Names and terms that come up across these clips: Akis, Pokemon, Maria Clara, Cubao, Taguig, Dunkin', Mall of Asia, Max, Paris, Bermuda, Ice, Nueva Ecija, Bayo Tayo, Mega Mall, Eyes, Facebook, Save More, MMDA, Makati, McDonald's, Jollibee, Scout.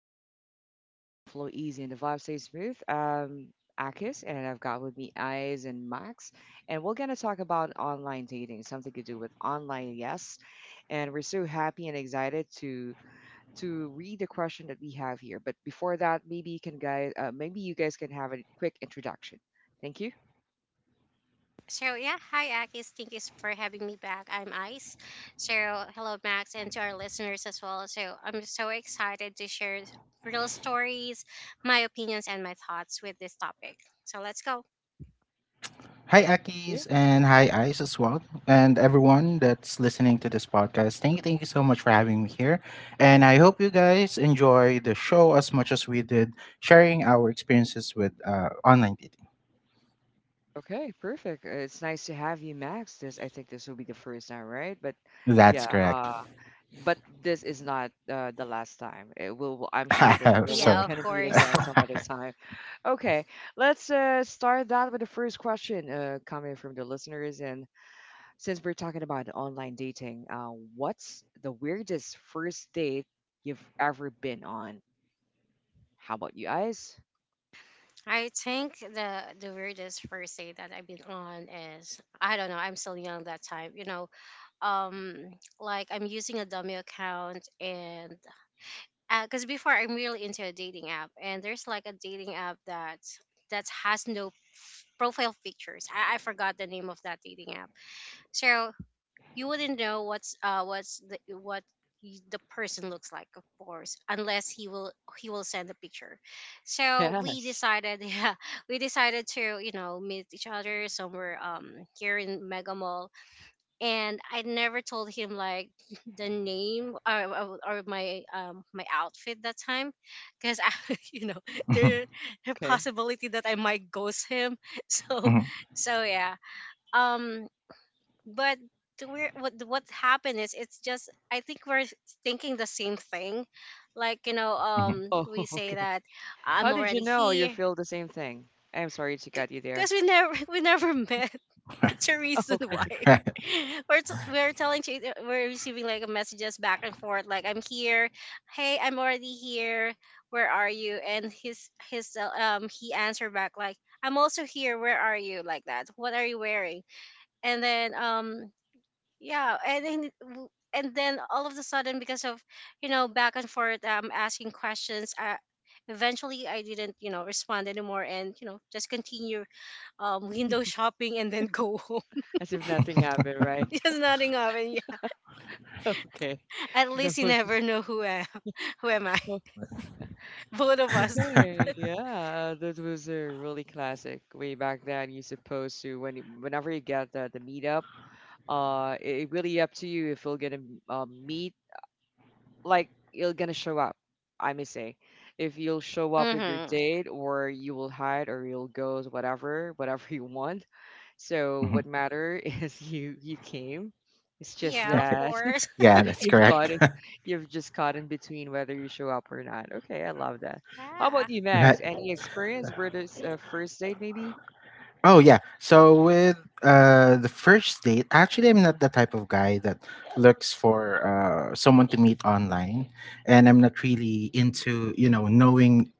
chill zone where conversation flow easy and the vibe stays smooth. Akis and I've got with me Eyes and Max, and we're gonna talk about online dating, something to do with online yes. And we're so happy and excited to read the question that we have here. But before that, maybe you guys can have a quick introduction. Thank you. So yeah, hi Akis. Thank you for having me back. I'm Ice. So hello Max and to our listeners as well. So I'm so excited to share real stories, my opinions and my thoughts with this topic. So let's go. Hi, Akis, and hi, Ice as well, and everyone that's listening to this podcast. Thank you, so much for having me here, and I hope you guys enjoy the show as much as we did sharing our experiences with online dating. Okay, perfect. It's nice to have you, Max. This I think this will be the first time, right? But That's yeah, correct. But this is not the last time. It will. I'm I sure that have we'll Yeah, so. of kind of meet course. again some other time. Okay, let's start that with the first question coming from the listeners. And since we're talking about online dating, what's the weirdest first date you've ever been on? How about you guys? I think the weirdest first date that I've been on is, I don't know, I'm still young that time, you know. Um like I'm using a dummy account. And because before I'm really into a dating app, and there's like a dating app that has no profile pictures. I forgot the name of that dating app, so you wouldn't know what's the what y- the person looks like, of course, unless he will send a picture. So we Yes. decided, yeah, we decided to meet each other somewhere, here in Mega. And I never told him, like, the name or or my my outfit that time, because I you know, there, the Okay. possibility that I might ghost him. So Mhm, mhm, so yeah. Um, but to where what happened is, it's just, I think we're thinking the same thing, like, mhm. Oh, we say okay. that I'm How did you already know you here, feel the same thing? I'm sorry to cut you there. because we never we never met. That's the reason Okay, why. We're telling to we're receiving like messages back and forth like, I'm here, hey, I'm already here, where are you? And his he answered back like, I'm also here, where are you? Like that, what are you wearing? And then yeah, and then and then all of a sudden, because of, back and forth asking questions, eventually I didn't, you know, respond anymore, and, just continue window shopping and then go home. as if nothing happened, right? Just nothing of it. Yeah. Okay. At That least you was never know who am who am I. oh, Both of us. okay. Yeah, that was a really classic way back then. You're supposed to whenever you get the meetup, it, it really up to you if you're gonna meet. Like you're gonna show up. I may say, if you'll show up with your Mm-hmm. date, or you will hide, or you'll go, whatever, whatever you want. So what matter is you came. It's just Yeah, of that course. yeah, that's you've caught correct. it, you've just caught in between whether you show up or not. Okay, I love that. How about Yeah. you, Max? Right. Any experience where there's a first date maybe? Oh yeah. So with the first date, actually I'm not the type of guy that looks for someone to meet online, and I'm not really into, you know, knowing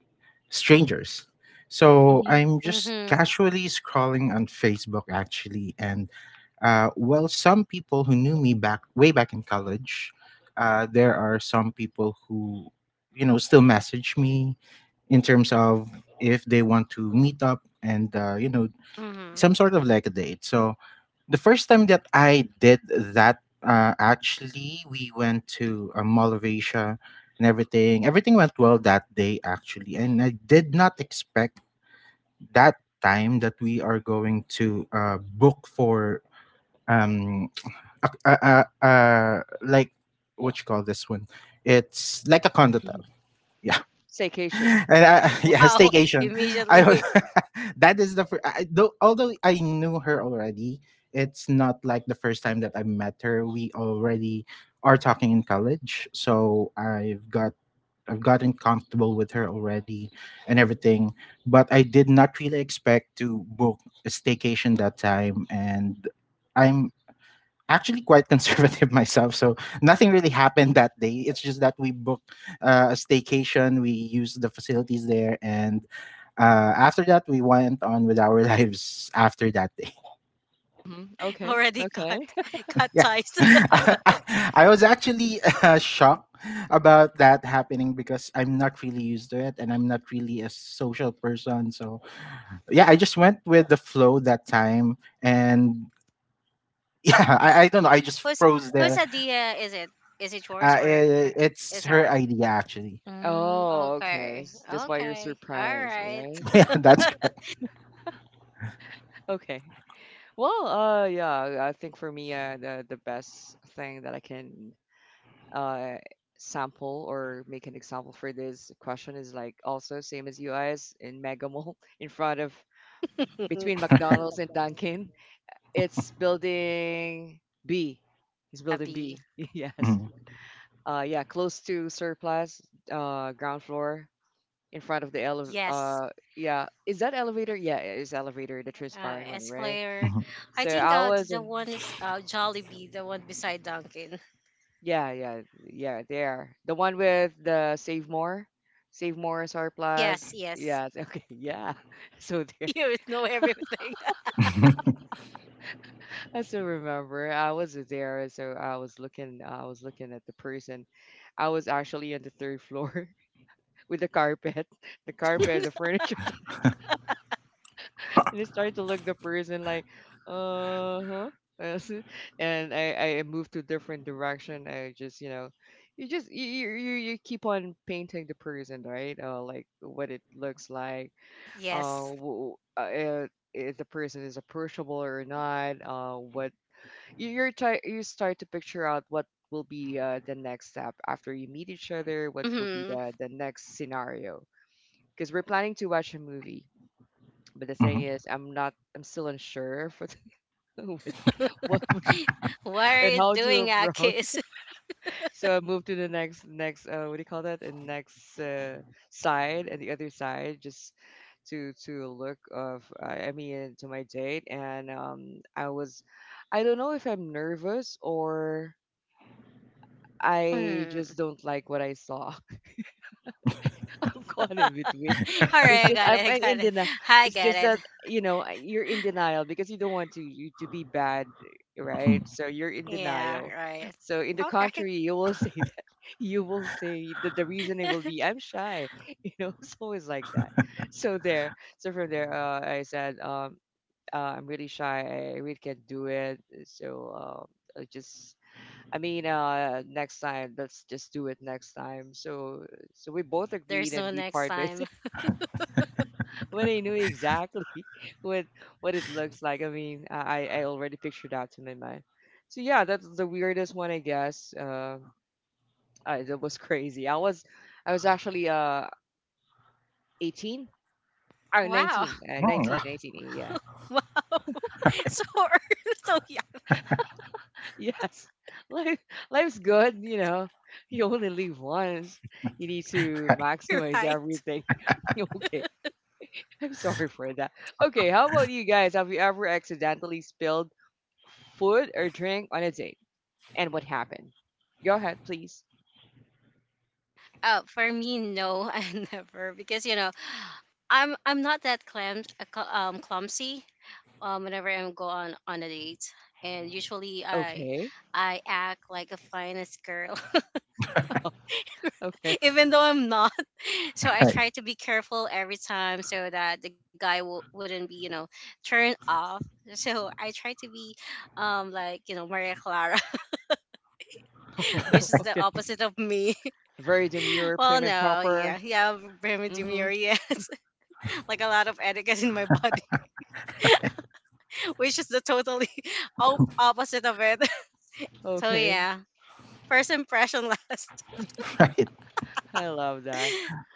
strangers. So Mm-hmm, I'm just Mm-hmm. casually scrolling on Facebook actually, and well, some people who knew me back way back in college, there are some people who, you know, still message me in terms of if they want to meet up, and you know, Mm-hmm. some sort of like a date. So the first time that I did that, actually, we went to a Mall of Asia, and everything. Everything went well that day, actually. And I did not expect that time that we are going to book for um a, like, what you call this one, it's like a condo hotel. hmm. Staycation. And I, yeah, Wow. staycation. I Immediately Uh-huh. was that is the first, though, although I knew her already, it's not like the first time that I met her. We already are talking in college, so I've gotten comfortable with her already and everything. But I did not really expect to book a staycation that time, and. I'm actually quite conservative myself, so nothing really happened Mm-hmm, that day. It's just that we booked a staycation, we used the facilities there, and after that, we went on with our lives after that day. mm-hmm. Okay, already okay. cut cut Yeah. ties. I was actually shocked about that happening, because I'm not really used to it, and I'm not really a social person. So, yeah, I just went with the flow that time. And yeah, I don't know. I just Whose froze whose there. idea is it? Is it yours or her? It's Is her her? idea, actually. Mm, Oh, okay. okay. S- That's why you're Okay. All surprised, right. right? Yeah, that's correct. Okay. Well, yeah, I think for me, the best thing that I can uh, sample or make an example for this question is like also same as US in Mega Mall in front of between McDonald's and Dunkin'. It's building B. It's building Abby. B. yes. Mhm, Yeah, close to surplus, ground floor in front of the Yes. Yeah is that elevator yeah it is elevator the transparent one right Esclair. mhm, I so think, I was the in. one is, Jollibee, the one beside Dunkin'. Yeah, yeah, yeah, they are. The one with the Save More SR Plus. Yes, yes. Yes, okay, yeah. So there, You know everything. I still remember. I was there, so I was looking. I was looking at the person. I was actually on the third floor with the carpet, the furniture. And I started to look the person like, uh huh. And I moved to different direction. I just you know, you just you keep on painting the person right, like what it looks like, uh, Yes. w- uh if the person is approachable or not, what you you're try you start to picture out what will be the next step after you meet each other, what will be Hmm. The next scenario. Because we're planning to watch a movie, but the thing mhm, is, I'm not. I'm still unsure for the, with what we, What are and you how to doing, approach. Akis? So I moved to the next what do you call that? The next side and the other side just to look of I mean to my date. And I was, I don't know if I'm nervous or I Mm. just don't like what I saw. Caught All in between. It's right, I just got it. I I'm got in it. denial. I It's get just that it. you know you're in denial because you don't want to you to be bad, right? mhm. So you're in Yeah, denial. right. So in the Okay. contrary, you will say that you will say that the reasoning will be I'm shy. You know, it's always like that. So there. So from there, I said I'm really shy. I really can't do it. So um, I just I mean, next time, let's just do it next time. So, so we both agreed, There's no and we next part ways time. when I knew exactly what what it looks like. I mean, I already pictured that in my mind. So yeah, that's the weirdest one, I guess. That was crazy. I was actually 18, or Wow. Mm, right, 19. Yeah, Wow. So, so yeah, yes. Life Life's good, you know. You only live once. You need to you're maximize right. everything. Okay, I'm sorry for that. Okay, how about you guys? Have you ever accidentally spilled food or drink on a date? And what happened? Go ahead, please. For me, no, I never, because, you know, I'm not that clumsy whenever I'm go on a date. And usually I Okay. I act like a finest girl, Okay. even though I'm not, so I right, try to be careful every time, so that the guy wouldn't be, you know, turned off. So I try to be, like, you know, Maria Clara, Oh, which is the okay. opposite of me. Very demure, Well prim and no, yeah, proper. yeah, Bermuda Mm-hmm. demure, yes, like a lot of etiquette in my body, which is the totally opposite of it. So Okay. yeah, first impression last. right, I love that.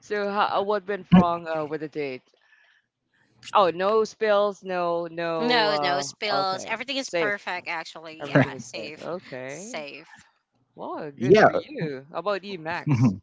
So, how, what went wrong with the date? Oh, no spills, no, no. No, no spills. Okay. Everything is Safe. perfect, actually. right. Everything Yeah, is safe. safe. Okay. Safe. Wow, good for Yeah, you. How about you, Max? mhm.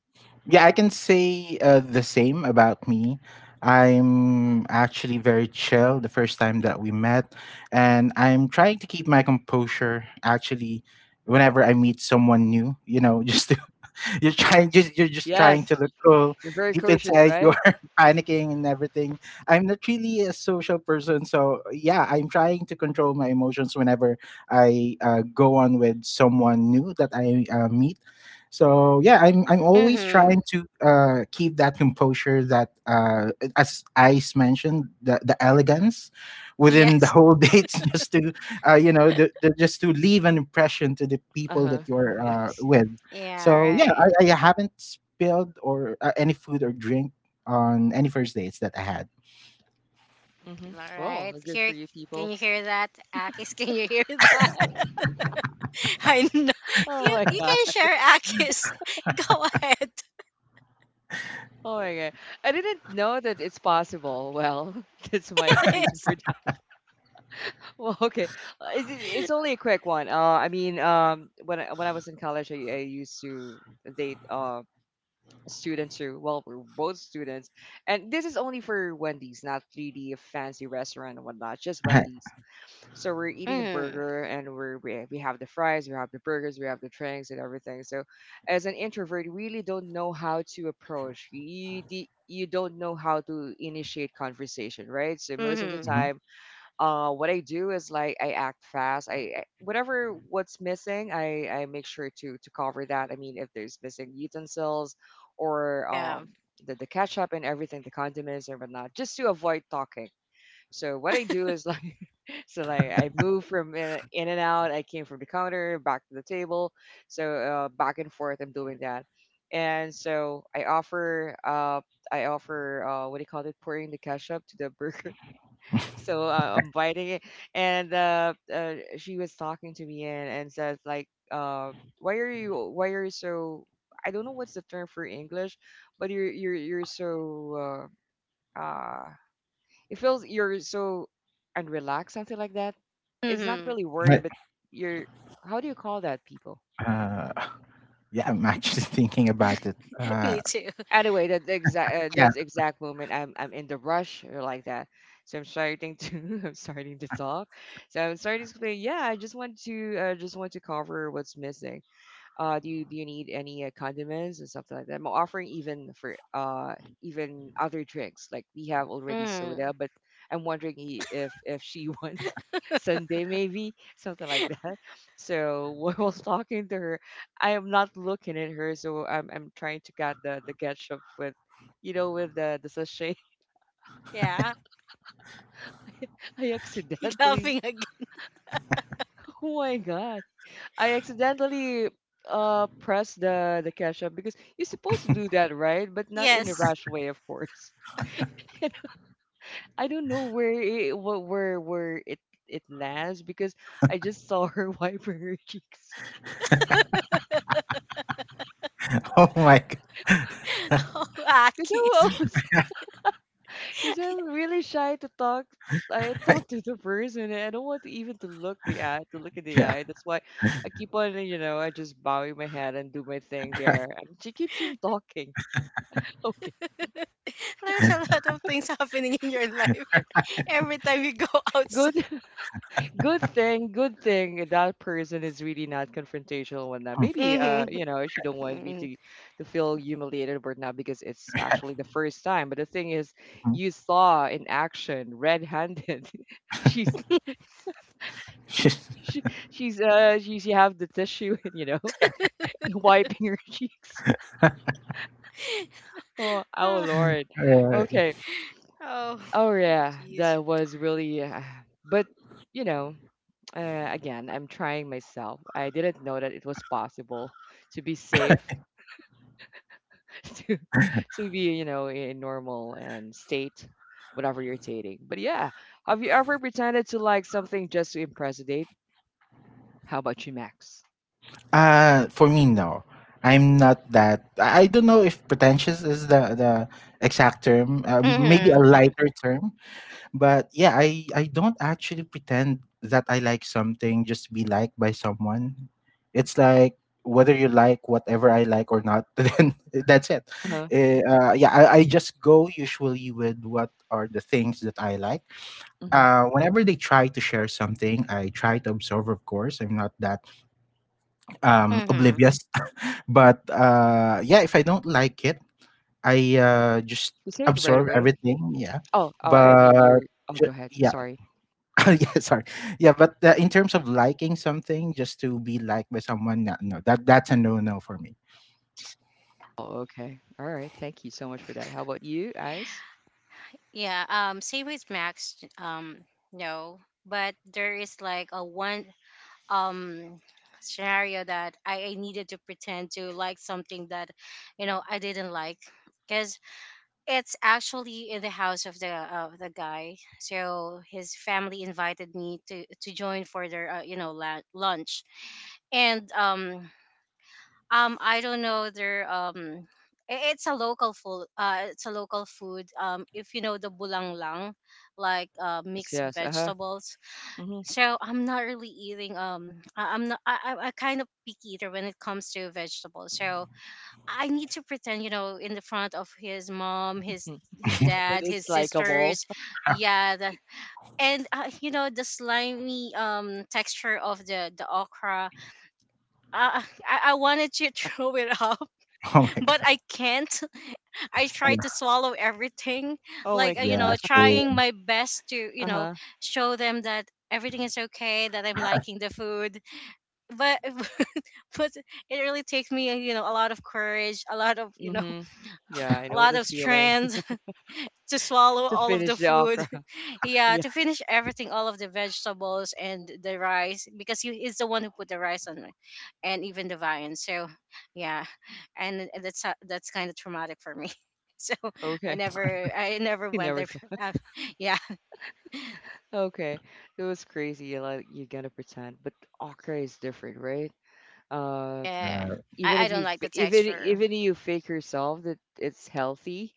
Yeah. I can say the same about me. I'm actually very chill the first time that we met, and I'm trying to keep my composure actually whenever I meet someone new. You know, just you're just trying Yes. to look cool, You're very deep cautious, inside you're right? panicking and everything. I'm not really a social person, so yeah, I'm trying to control my emotions whenever I go on with someone new that I meet. So yeah, I'm always trying Mhm. to keep that composure that as Ice mentioned, the elegance within the Yes. whole date, just to you know, just to leave an impression to the people Uh-huh. that you're Yes. with. Yeah, So yeah, right. I haven't spilled or any food or drink on any first dates that I had. Mm-hmm. All Well, right. good for Here, you can people. you hear that? Akis, can you hear that? I know. Oh You my you God. can share, Akis. Go ahead. Oh my God. I didn't know that it's possible. Well, that's my It excuse is. for that. Well, okay. It's only a quick one. I mean, when when I was in college, I used to date students who, well, we we're both students, and this is only for Wendy's, not really a fancy restaurant and whatnot, just Right. Wendy's. So we're eating a Mhm. burger and we're, we have the fries, we have the burgers, we have the drinks and everything. So as an introvert, you really don't know how to approach. You don't know how to initiate conversation, right? So most of the Mhm. Mhm. time, what I do is like I act fast. I whatever what's missing, I make sure to cover that. I mean, if there's missing utensils or Yeah. The ketchup and everything, the condiments and whatnot, just to avoid talking. So what I do is like so like I moved from in and out. I came from the counter back to the table. So back and forth, I'm doing that. And so I offer what do you call it? Pouring the ketchup to the burger. So I'm biting it, and she was talking to me and says like why are you so I don't know what's the term for English, but you're so uh uh it feels you're so unrelaxed, something like that. It's not Mhm. really worried, Right. but you're how do you call that people? Uh, yeah, I'm actually thinking about it. Me too. Anyway, that exact Yeah. that's exact moment. I'm in the rush or like that. So I'm starting to I'm starting to talk. So I'm starting to explain. Yeah, I just want to cover what's missing. Do you need any condiments or something like that? I'm offering even for even other drinks. Like we have already Mm. soda, but I'm wondering if she wants Sunday maybe something like that. So while I was talking to her, I am not looking at her, so I'm trying to get the ketchup with, you know, with the sachet. Yeah. I He accidentally. laughing again. Oh my god! I accidentally pressed the cash up because you're supposed to do that, right? But not in a Yes. rash way, of course. I don't know where it lands because I just saw her wiping her cheeks. Oh my god. Oh, Because Akis. I was because I'm really shy to talk. I Right, talk to the person and I don't want to even to look at the yeah. eye. That's why I keep on, you know, I just bowing my head and do my thing there. Right. And she keeps on talking. Okay, There's a lot of things happening in your life every time you go go. outside. Good thing that person is really not confrontational when that. Maybe Mm-hmm. you know, she don't want me to feel humiliated right not because it's actually the first time. But the thing is, Mhm. you saw in action, red-handed. She's she, she's she have the tissue and you know wiping her cheeks. Oh, oh Lord. uh, Okay. Oh, Oh yeah, jeez. that was really. But you know. Again, I'm trying myself. I didn't know that it was possible to be safe, to be, you know, in normal and state whatever you're dating. But yeah, have you ever pretended to like something just to impress a date? How about you, Max? For me, no. I'm not that. I don't know if pretentious is the exact term. Maybe a Hmm. Mm-hmm. lighter term. But yeah, I don't actually pretend that I like something just to be liked by someone. It's like whether you like whatever I like or not, then that's it. Uh-huh. Yeah, I just go usually with what are the things that I like. Hmm. Whenever they try to share something, I try to observe. Of course, I'm not that Mm-hmm. oblivious. But yeah, if I don't like it, I just You say it right observe away. everything. Yeah, Oh, oh, I but mean, you're. Oh, go ju- ahead. I'm yeah sorry. yeah, sorry. Yeah, but in terms of liking something, just to be liked by someone, no, no, that that's a no no for me. Oh, okay. All right. Thank you so much for that. How about you, guys? Yeah. Same with Max. No. But there is like a one um scenario that I needed to pretend to like something that, I didn't like, because it's actually in the house of the guy. So his family invited me to join for their, lunch. And I don't know their, it's a local food, it's a local food, if you know the bulanglang, like, mixed Yes. Yes, uh-huh. vegetables. Mm-hmm. So I'm not really eating. I'm not. I'm a kind of picky eater when it comes to vegetables. So I need to pretend, you know, in the front of his mom, his That dad, is his likable. sisters. Yeah, and the slimy texture of the okra. Uh, I wanted to throw it up, Oh my but god. I can't. I tried Yeah, to swallow everything, Oh my like, God. Yeah, trying same. my best to, Uh-huh. show them that everything is okay, that I'm liking the food, but but it really takes me, you know, a lot of courage, a lot of, you know, Mhm. Yeah, I a know lot the of feeling strength to swallow to all of the finish the food. okra. Yeah, Yeah, to finish everything, all of the vegetables and the rice, because he is the one who put the rice on it, and even the vine. So yeah, and that's that's kind of traumatic for me. So i okay. never i never You went never there. thought. uh, yeah, Okay. It was crazy. You like you're gonna pretend, but okra is different, right? Uh, yeah, Uh, even I if don't you like the even texture. even you fake yourself that it's healthy,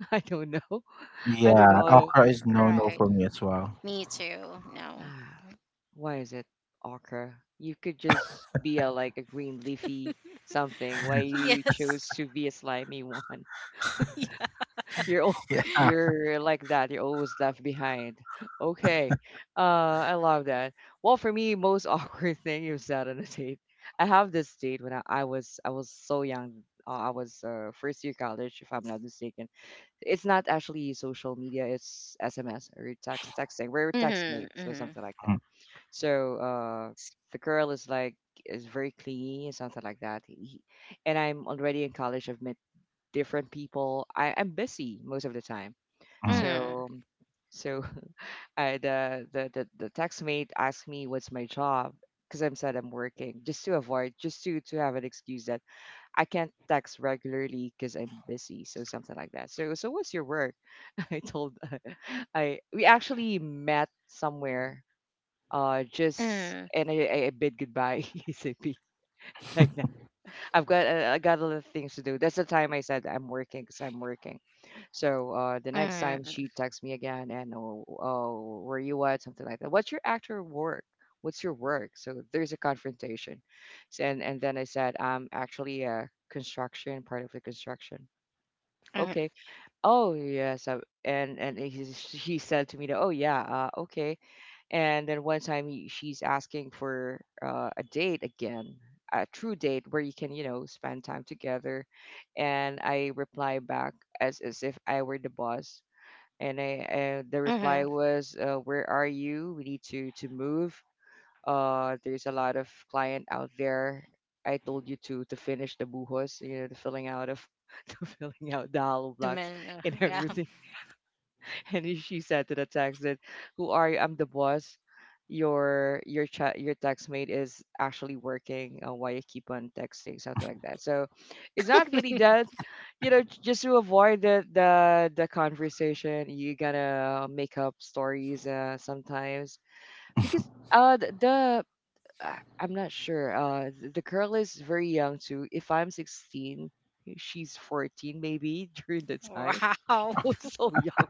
I don't know. I don't yeah, know. Okra is no no Right. for me as well. Me too. No. ah, Why is it okra? You could just be a like a green leafy something. Why you Yes. chose to be a slimy one? Yeah. You're al- Yeah. you're like that. You're always left behind. Okay. I love that. Well, for me, most awkward thing you have said on a date. I have this date when I was so young. I was first year college, if I'm not mistaken. It's not actually social media. It's SMS or text texting. We're text Mhm, mates, so mhm, something like Mm, that. So the girl is like is very clingy and something like that. He, and I'm already in college. I've met different people. I'm busy most of the time. mm, mhm, So so I the text mate asked me what's my job because I'm said I'm working just to avoid just to have an excuse that I can't text regularly because I'm busy. So something like that. So what's your work? I told I we actually met somewhere just mhm, and I bid goodbye ASAP like I got a lot of things to do. That's the time I said I'm working because I'm working. So the next time mhm, she texts me again and oh, where you at something like that. What's your actual work? What's your work? So there's a confrontation. So, and then I said I'm actually a construction part of the construction. mhm, Okay. Oh yes. I, and he said to me that oh yeah okay and then one time she's asking for a date again, a true date where you can, you know, spend time together. And I reply back as if I were the boss. And the reply mhm. was, "Where are you? We need to move. There's a lot of client out there. I told you to finish the buhos, you know, the filling out of the filling out the hollow The blocks men, and yeah. everything." And she said to the text that, "Who are you? I'm the boss. Your chat your text mate is actually working. Why you keep on texting? Something like that. So it's not really that. You know, just to avoid the conversation, you gotta make up stories sometimes because th- the I'm not sure. The girl is very young too. If I'm 16, she's 14 maybe during the time. Wow. That was so young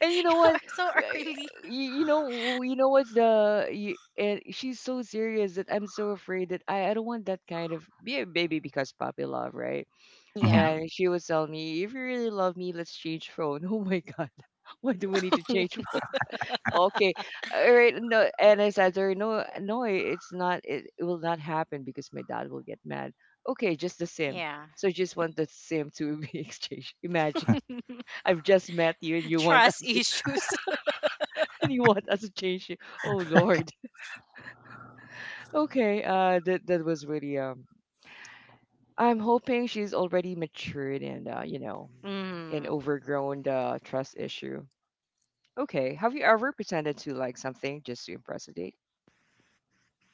and you know You're what? so Yeah, yeah, early. y- You know, what's the and she's so serious that I'm so afraid that I don't want that kind of be a baby because puppy love, right? mhm. Yeah, And she was telling me, if you really love me, let's change phone. Oh my god, why do we need to change phone? Okay, all right. No, and I said to her, no, no, it's not. It will not happen because my dad will get mad. Okay, just the sim. yeah. So just want the sim to be exchanged. Imagine I've just met you and you want Trust us issues. and you want us to change it. Oh Lord. Okay. That was really. I'm hoping she's already matured and you know, an Mm. overgrown trust issue. Okay. Have you ever pretended to like something just to impress a date?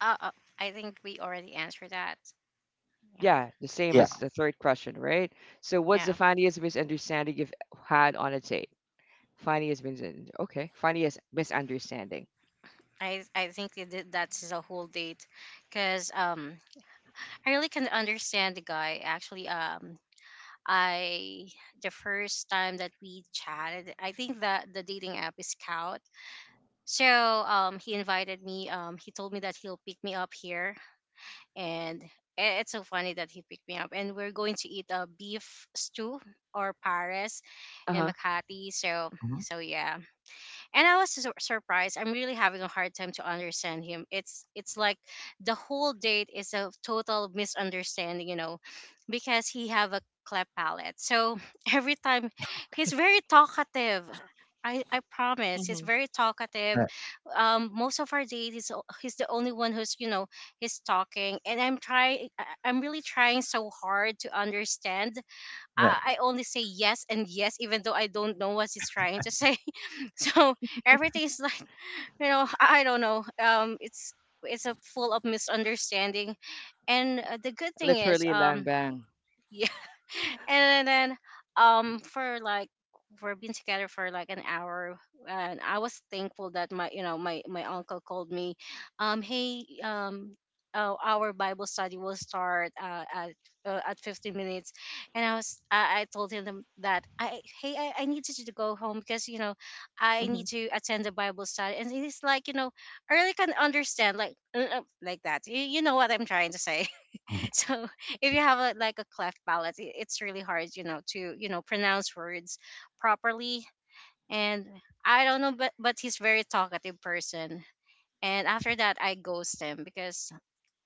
Uh, uh, I think we already answered that. Yeah, Yeah, the same Yeah. as the third question, right? So, what's the yeah. funniest misunderstanding you've had on a date? Funniest misunderstanding. Okay, funniest misunderstanding. I think it, that's the whole date, because, I really can understand the guy, actually. I The first time that we chatted, I think that the dating app is Scout. So, he invited me. He told me that he'll pick me up here, and it's so funny that he picked me up. And we're going to eat a beef stew or Paris Uh in huh. Makati. So Mhm, so yeah, and I was surprised. I'm really having a hard time to understand him. It's like the whole date is a total misunderstanding, you know, because he have a cleft palate. So every time he's very talkative. I promise, he's Mm-hmm. very talkative. right. Most of our date, he's the only one who's, he's talking, and I'm really trying so hard to understand. Right. I only say yes and yes, even though I don't know what he's trying to say. So everything is, like, I don't know, it's a full of misunderstanding. And, the good thing is, Literally, lang bang. yeah. And then, for like, we're been together for like an hour. And I was thankful that my you know my my uncle called me. Hey, our bible study will start, at 15 minutes. And I told him that, I need you to go home, because, I Mm-hmm. need to attend the bible study. And he's like, I really can understand, like, like, that you know what I'm trying to say. Mhm. So if you have like a cleft palate, it's really hard, you know, to, pronounce words properly. And I don't know, but he's very talkative person. And after that, I ghost him, because,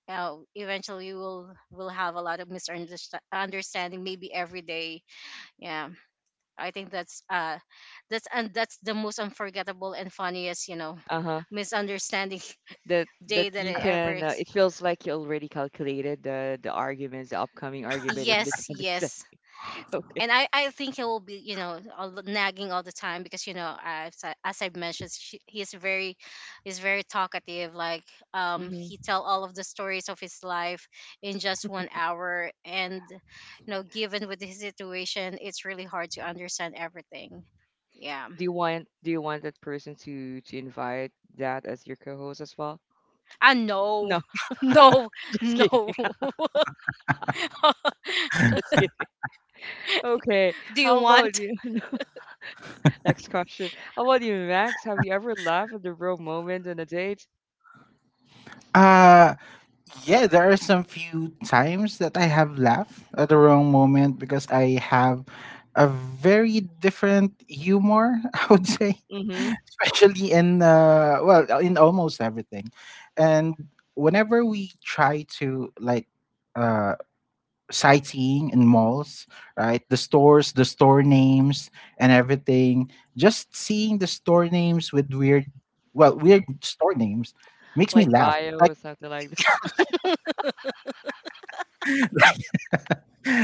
eventually we'll have a lot of misunderstanding, maybe every day. Yeah, I think that's the most unforgettable and funniest, you know, Uh huh. misunderstanding That day that that you I ever. can it feels like you already calculated the arguments the upcoming argument and Yes, misunderstand yes. okay And I think he will be, you know, all nagging all the time, because, as as I mentioned, he's very talkative. Like, he hmm tell all of the stories of his life in just 1 hour. And, given with his situation, it's really hard to understand everything. Yeah, do you want that person to invite that as your co-host as well I know. no No, just no. kidding just kidding okay Do you how about want, you no, next question how about you max have you ever laughed at the wrong moment on a date Uh yeah, there are some few times that I have laughed at the wrong moment, because I have a very different humor, I would say. mm-hmm Especially in in almost everything, and whenever we try to like uh sightseeing in malls, right, the store names and everything, just seeing the store names with weird store names makes me like laugh, bio or like something like that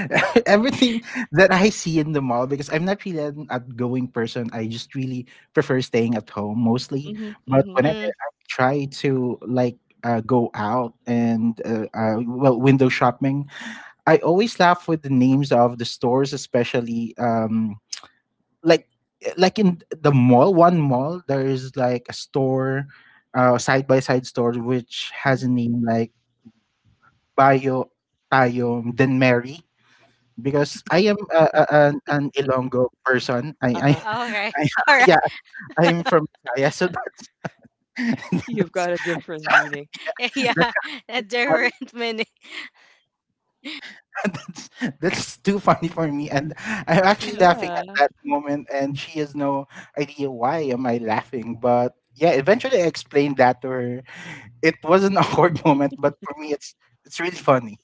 everything that I see in the mall, because I'm not really an outgoing person. I just really prefer staying at home mostly. mm-hmm But mm-hmm whenever mm, I try to like go out and well, window shopping, I always laugh with the names of the stores, especially like like in the mall. One mall there is like a store, side by side store which has a name like "Bayo Tayo, then Mary, because I am an Ilonggo person. Uh-huh okay, I all yeah, right. I'm from Bisaya, so that's you've that's got a different meaning that's Yeah, a really funny. different meaning. that's that's too funny for me, and I'm actually laughing at yeah that moment, and she has no idea why am I laughing, but yeah, eventually I explained that to her. It was an awkward moment, but for me, it's really funny,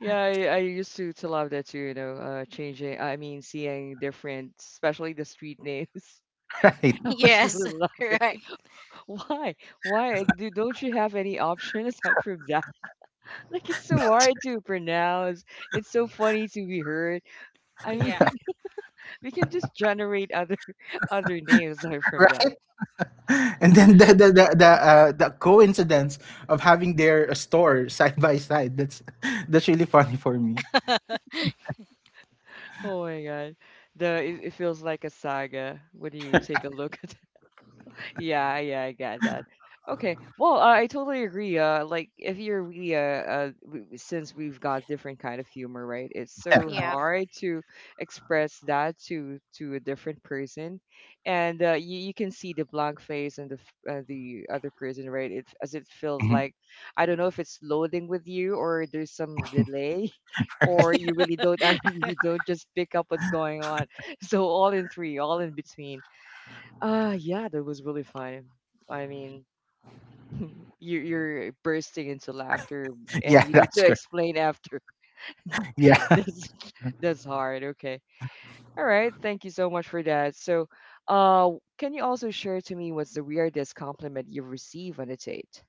Yeah, I used to love that too, you know, changing I mean seeing different especially the street names. right? I was Yes. really laughing. Right. Why? Why do don't you have any option aside from that? Like it's so hard to pronounce. It's so funny to be heard. I mean, Yeah. we can just generate other other names aside from that. Right? and then the coincidence of having their store side by side, that's that's really funny for me. Oh my God. The it, it feels like a saga when you take a look at yeah, yeah, I got that. Okay. Well, I totally agree. Like if you're really since we've got different kind of humor, right? It's so Yeah. hard to express that to a different person, and you you can see the blank face and the the other person, right? It as it feels Mhm. like I don't know if it's loading with you or there's some delay, or you really don't and you don't just pick up what's going on. So all in three, all in between. Yeah, that was really fun. I mean, you're bursting into laughter and Yeah, you need that's to correct. explain after. Yeah. That's that's hard. Okay. All right, thank you so much for that. So, uh can you also share to me what's the weirdest compliment you've received on a date?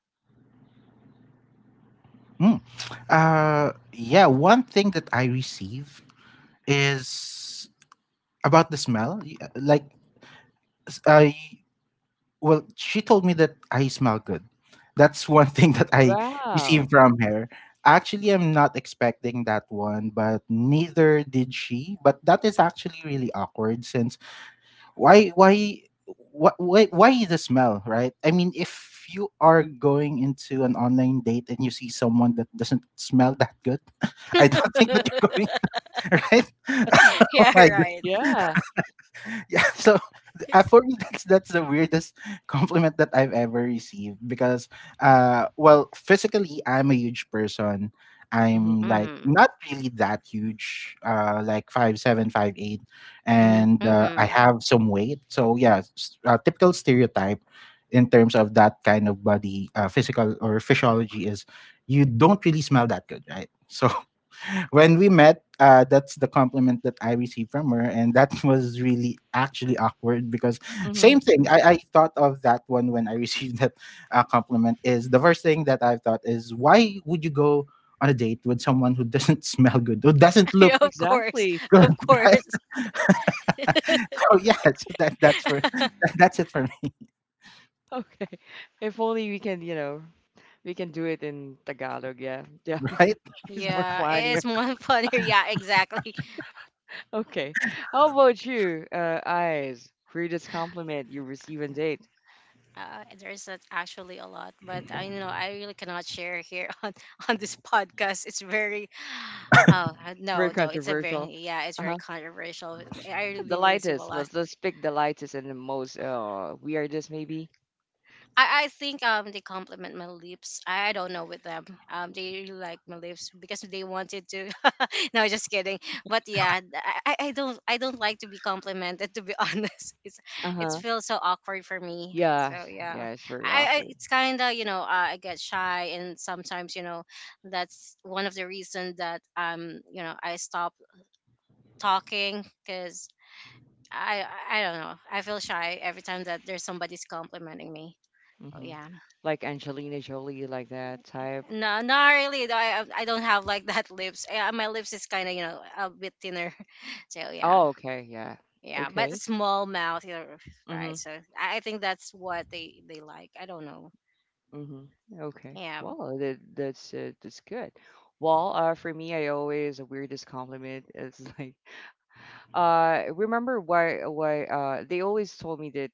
Mm. Yeah, one thing that I receive is about the smell. Y- like s- I Well, she told me that I smell good. That's one thing that I received Wow. from her. Actually I'm not expecting that one, but neither did she, but that is actually really awkward. Since why wh- why the smell, right? I mean, if you are going into an online date and you see someone that doesn't smell that good, I don't think that you're going right oh Yeah, my right. god, Yeah. yeah. So for me, that's the weirdest compliment that I've ever received, because well, physically I'm a huge person. Mhm. I'm like Mm-hmm. not really that huge, uh, like 5'7", 5'8", Mhm. and I Mm-hmm. have some weight. So yeah, typical stereotype in terms of that kind of body, physical or physiology, is you don't really smell that good, right? So when we met, that's the compliment that I received from her, and that was really actually awkward because, same Mhm. thing. I thought of that one when I received that compliment. Is the first thing that I thought is why would you go on a date with someone who doesn't smell good, who doesn't Yeah, look of course. Exactly. good, Of right? course. So yeah, so that's for that's it for me, Okay. If only we can, you know, we can do it in Tagalog, yeah. Yeah. right? it's more Yeah, fun it's more funnier. Yeah, exactly. Okay. How about you, eyes? Greatest compliment you receive on date? There's not actually a lot, but I know I really cannot share here on, on this podcast. It's very. Oh, Very no, no, controversial. Yeah, it's very Uh-huh. controversial. I The really receive a lightest. lot. Let's pick the lightest and the most weirdest maybe. I think they compliment my lips. I don't know with them. They really like my lips, because they wanted to. No, just kidding. But yeah, I don't like to be complimented. To be honest, it's it Uh-huh. feels so awkward for me. Yeah. So yeah, Yeah, it's very I awkward. it's kind of I get shy, and sometimes that's one of the reasons that I stop talking because I I don't know. I feel shy every time that there's somebody's complimenting me. Oh Mm-hmm. yeah. Like Angelina Jolie, like that type. No, not really. Though, I don't have like that lips. My lips is kind of a bit thinner, so yeah, Oh, okay. Yeah. yeah. But Okay. small mouth, you know, Mm-hmm. right? So I think that's what they like. I don't know. Mm-hmm. Okay. Yeah, Well, that, that's good. Well, for me, I always the weirdest compliment is like remember why they always told me that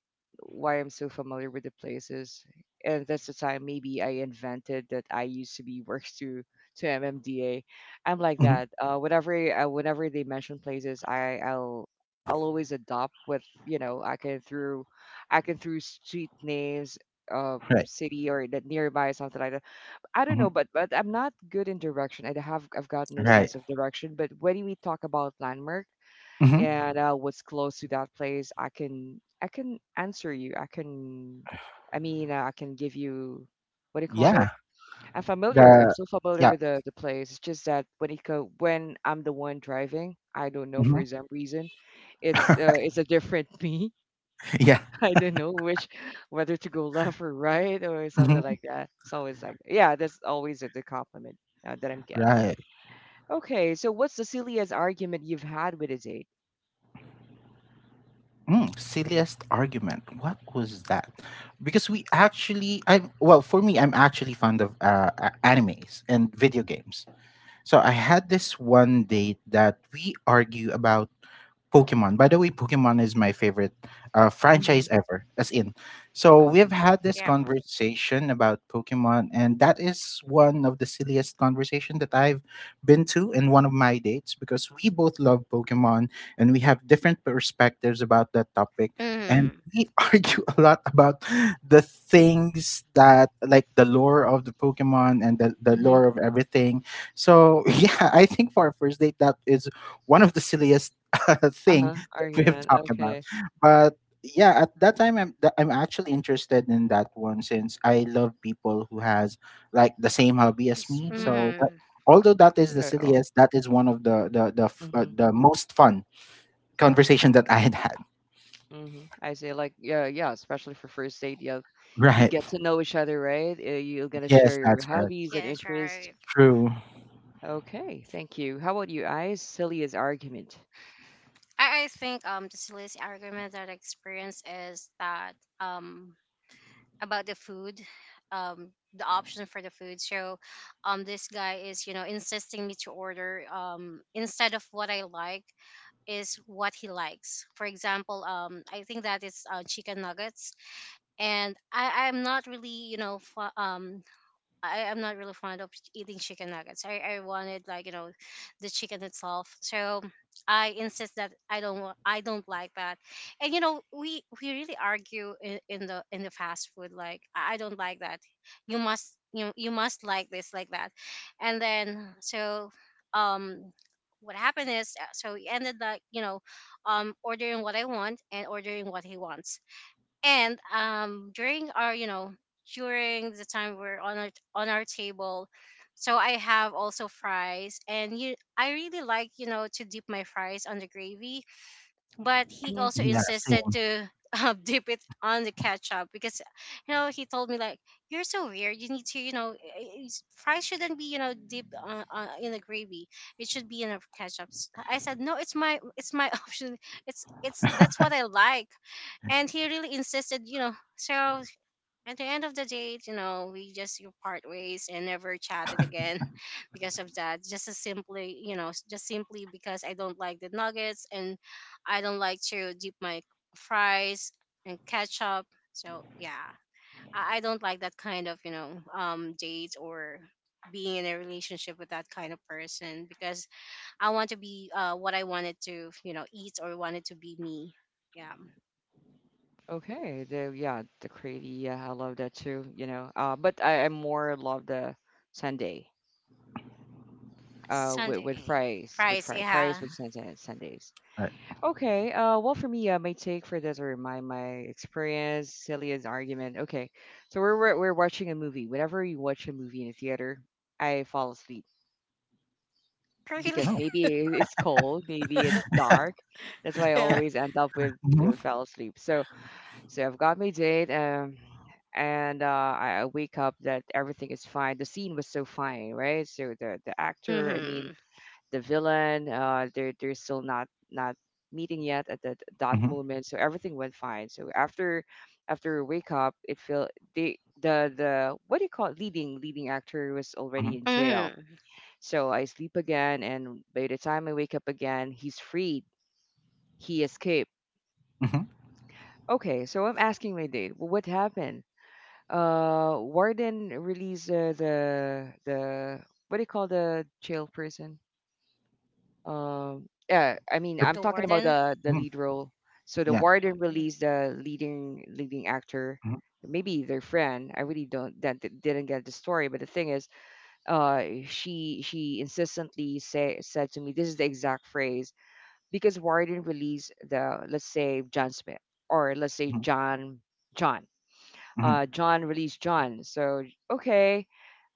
why I'm so familiar with the places and that's the time maybe I invented that I used to be works to MMDA. I'm like Mhm, that. Whenever I, whenever they mention places I'll always adopt with you know I can through street names Right, city or that nearby something like that. I don't mhm, know, but I'm not good in direction. I have I've got no right, sense of direction. But when we talk about landmark hmm and what's close to that place, I can answer you. I can, I mean, I can give you what do you call that? yeah, I'm familiar. I'm the so familiar yeah, with the place. It's just that when it when I'm the one driving, I don't know for mhm, some reason, it's a different me. yeah, I don't know which whether to go left or right or something mhm, like that. It's always like yeah, that's always the compliment that I'm getting. right. Okay, so what's the silliest argument you've had with a date? Mm, silliest argument. What was that? Because we actually, I well for me, I'm actually fond of animes and video games. So I had this one date that we argue about Pokemon. By the way, Pokemon is my favorite Mm-hmm. franchise ever, as in. So we've Okay. had this yeah. conversation about Pokemon, and that is one of the silliest conversation that I've been to in one of my dates, because we both love Pokemon, and we have different perspectives about that topic, and Mm. we argue a lot about the things, that like the lore of the Pokemon and the lore of everything. So yeah, I think for our first date, that is one of the silliest thing Uh-huh, that we've argument, talked about. okay. But yeah, at that time, I'm actually interested in that one, since I love people who has like the same hobby as me. Mhm, So that, Mm. although that is the yeah, all silliest, that is one of mhm, the most fun conversation that I had had. mhm, I say like, yeah, yeah, especially for first date, yeah. You Right. get to know each other, right? You're gonna Yes, share your that's correct. hobbies and Yes, interests. right. True. Okay, thank you. How about you, I Silly as argument. I think the silliest argument that I experienced is that um about the food, the option for the food. So this guy is insisting me to order instead of what I like is what he likes. For example, I think that is chicken nuggets, and I'm not really I am not really fond of eating chicken nuggets. I wanted like the chicken itself. So I insist that I don't like that. And you know we really argue in the fast food like I don't like that. You must you must like this like that. And then so um what happened is so he ended like ordering what I want and ordering what he wants. And during our you know during the time we're on our table. So I have also fries, and you I really like to dip my fries on the gravy, but he Mhm. also Yeah. insisted Same. to dip it on the ketchup, because you know he told me like, you're so weird, you need to fries shouldn't be dipped in the gravy, it should be in a ketchup. I said no, it's my, it's my option, it's that's what I like. And he really insisted, you know. So at the end of the day, you know, we just you part ways and never chatted again because of that. Just as simply, you know, just simply because I don't like the nuggets and I don't like to dip my fries and ketchup. So yeah, I don't like that kind of date or being in a relationship with that kind of person, because I want to be what I wanted to eat or wanted to be me. Yeah. Okay, the yeah, the crazy, yeah, I love that too, you know. But I more love the Sunday, with Sunday fries, fries yeah. with Sundays. Right. Okay. Well, for me, my take for this or my experience, Celia's argument. Okay, so we're watching a movie. Whenever you watch a movie in a theater, I fall asleep Really? because No. maybe it's cold, maybe it's dark. That's why I Yeah. always end up with Hmm. Fell asleep. So so I've got my date, and I wake up that everything is fine. The scene was so fine, right? So the actor, I mean, Mm-hmm. the villain. They're still not meeting yet at that Hmm. moment. So everything went fine. So after after wake up, it feel they the what do you call it? leading actor was already Hmm. in jail. Mm-hmm. So I sleep again, and by the time I wake up again, he's freed. He escaped. Okay, so I'm asking my date. Well, what happened? Warden released the what do you call the jail person? Yeah, I mean, I'm The talking about warden? the Hmm. lead role. So the Yeah. warden Mm-hmm. released the leading actor, Mm-hmm. maybe their friend. I really don't that d- didn't get the story, but the thing is, she insistently say said to me, this is the exact phrase because warden released the, let's say, John Smith, or let's say John. John. John released John. So okay.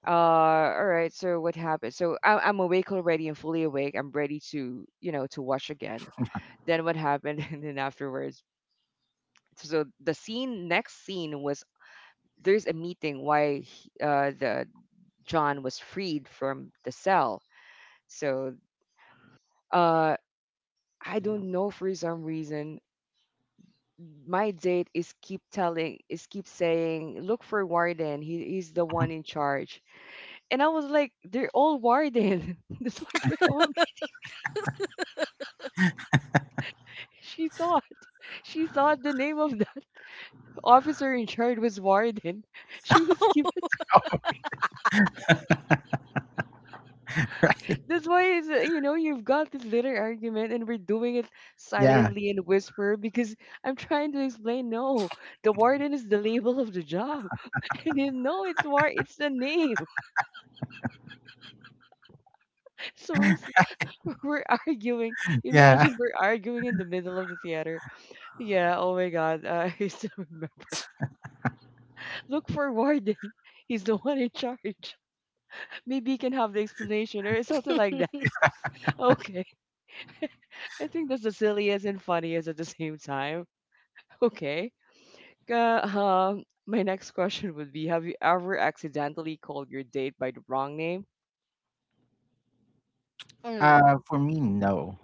Uh, all right. So what happened? So I'm awake already and fully awake. I'm ready to, you know, to watch again. Then what happened? And then afterwards, so the scene, next scene was there's a meeting the John was freed from the cell. So uh, I don't know, for some reason my date is keep telling is keep saying, look for warden, he's the Mm-hmm. one in charge. And I was like, they're all warden. That's what they're all. She thought. She thought the name of that officer in charge was Warden. She was given. Right. That's why it's, you know, you've got this little argument, and we're doing it Yeah. silently and whisper because I'm trying to explain. No, the Warden is the label of the job, and you know it's war. It's the name. So we're s- we're arguing. Yeah. Imagine we're arguing in the middle of the theater. Yeah. Oh my God. I still remember. Look for Warden. He's the one in charge. Maybe he can have the explanation or something like. Okay. I think that's the silliest and funniest at the same time. Okay. My next question would be, have you ever accidentally called your date by the wrong name? Mm. For me, no,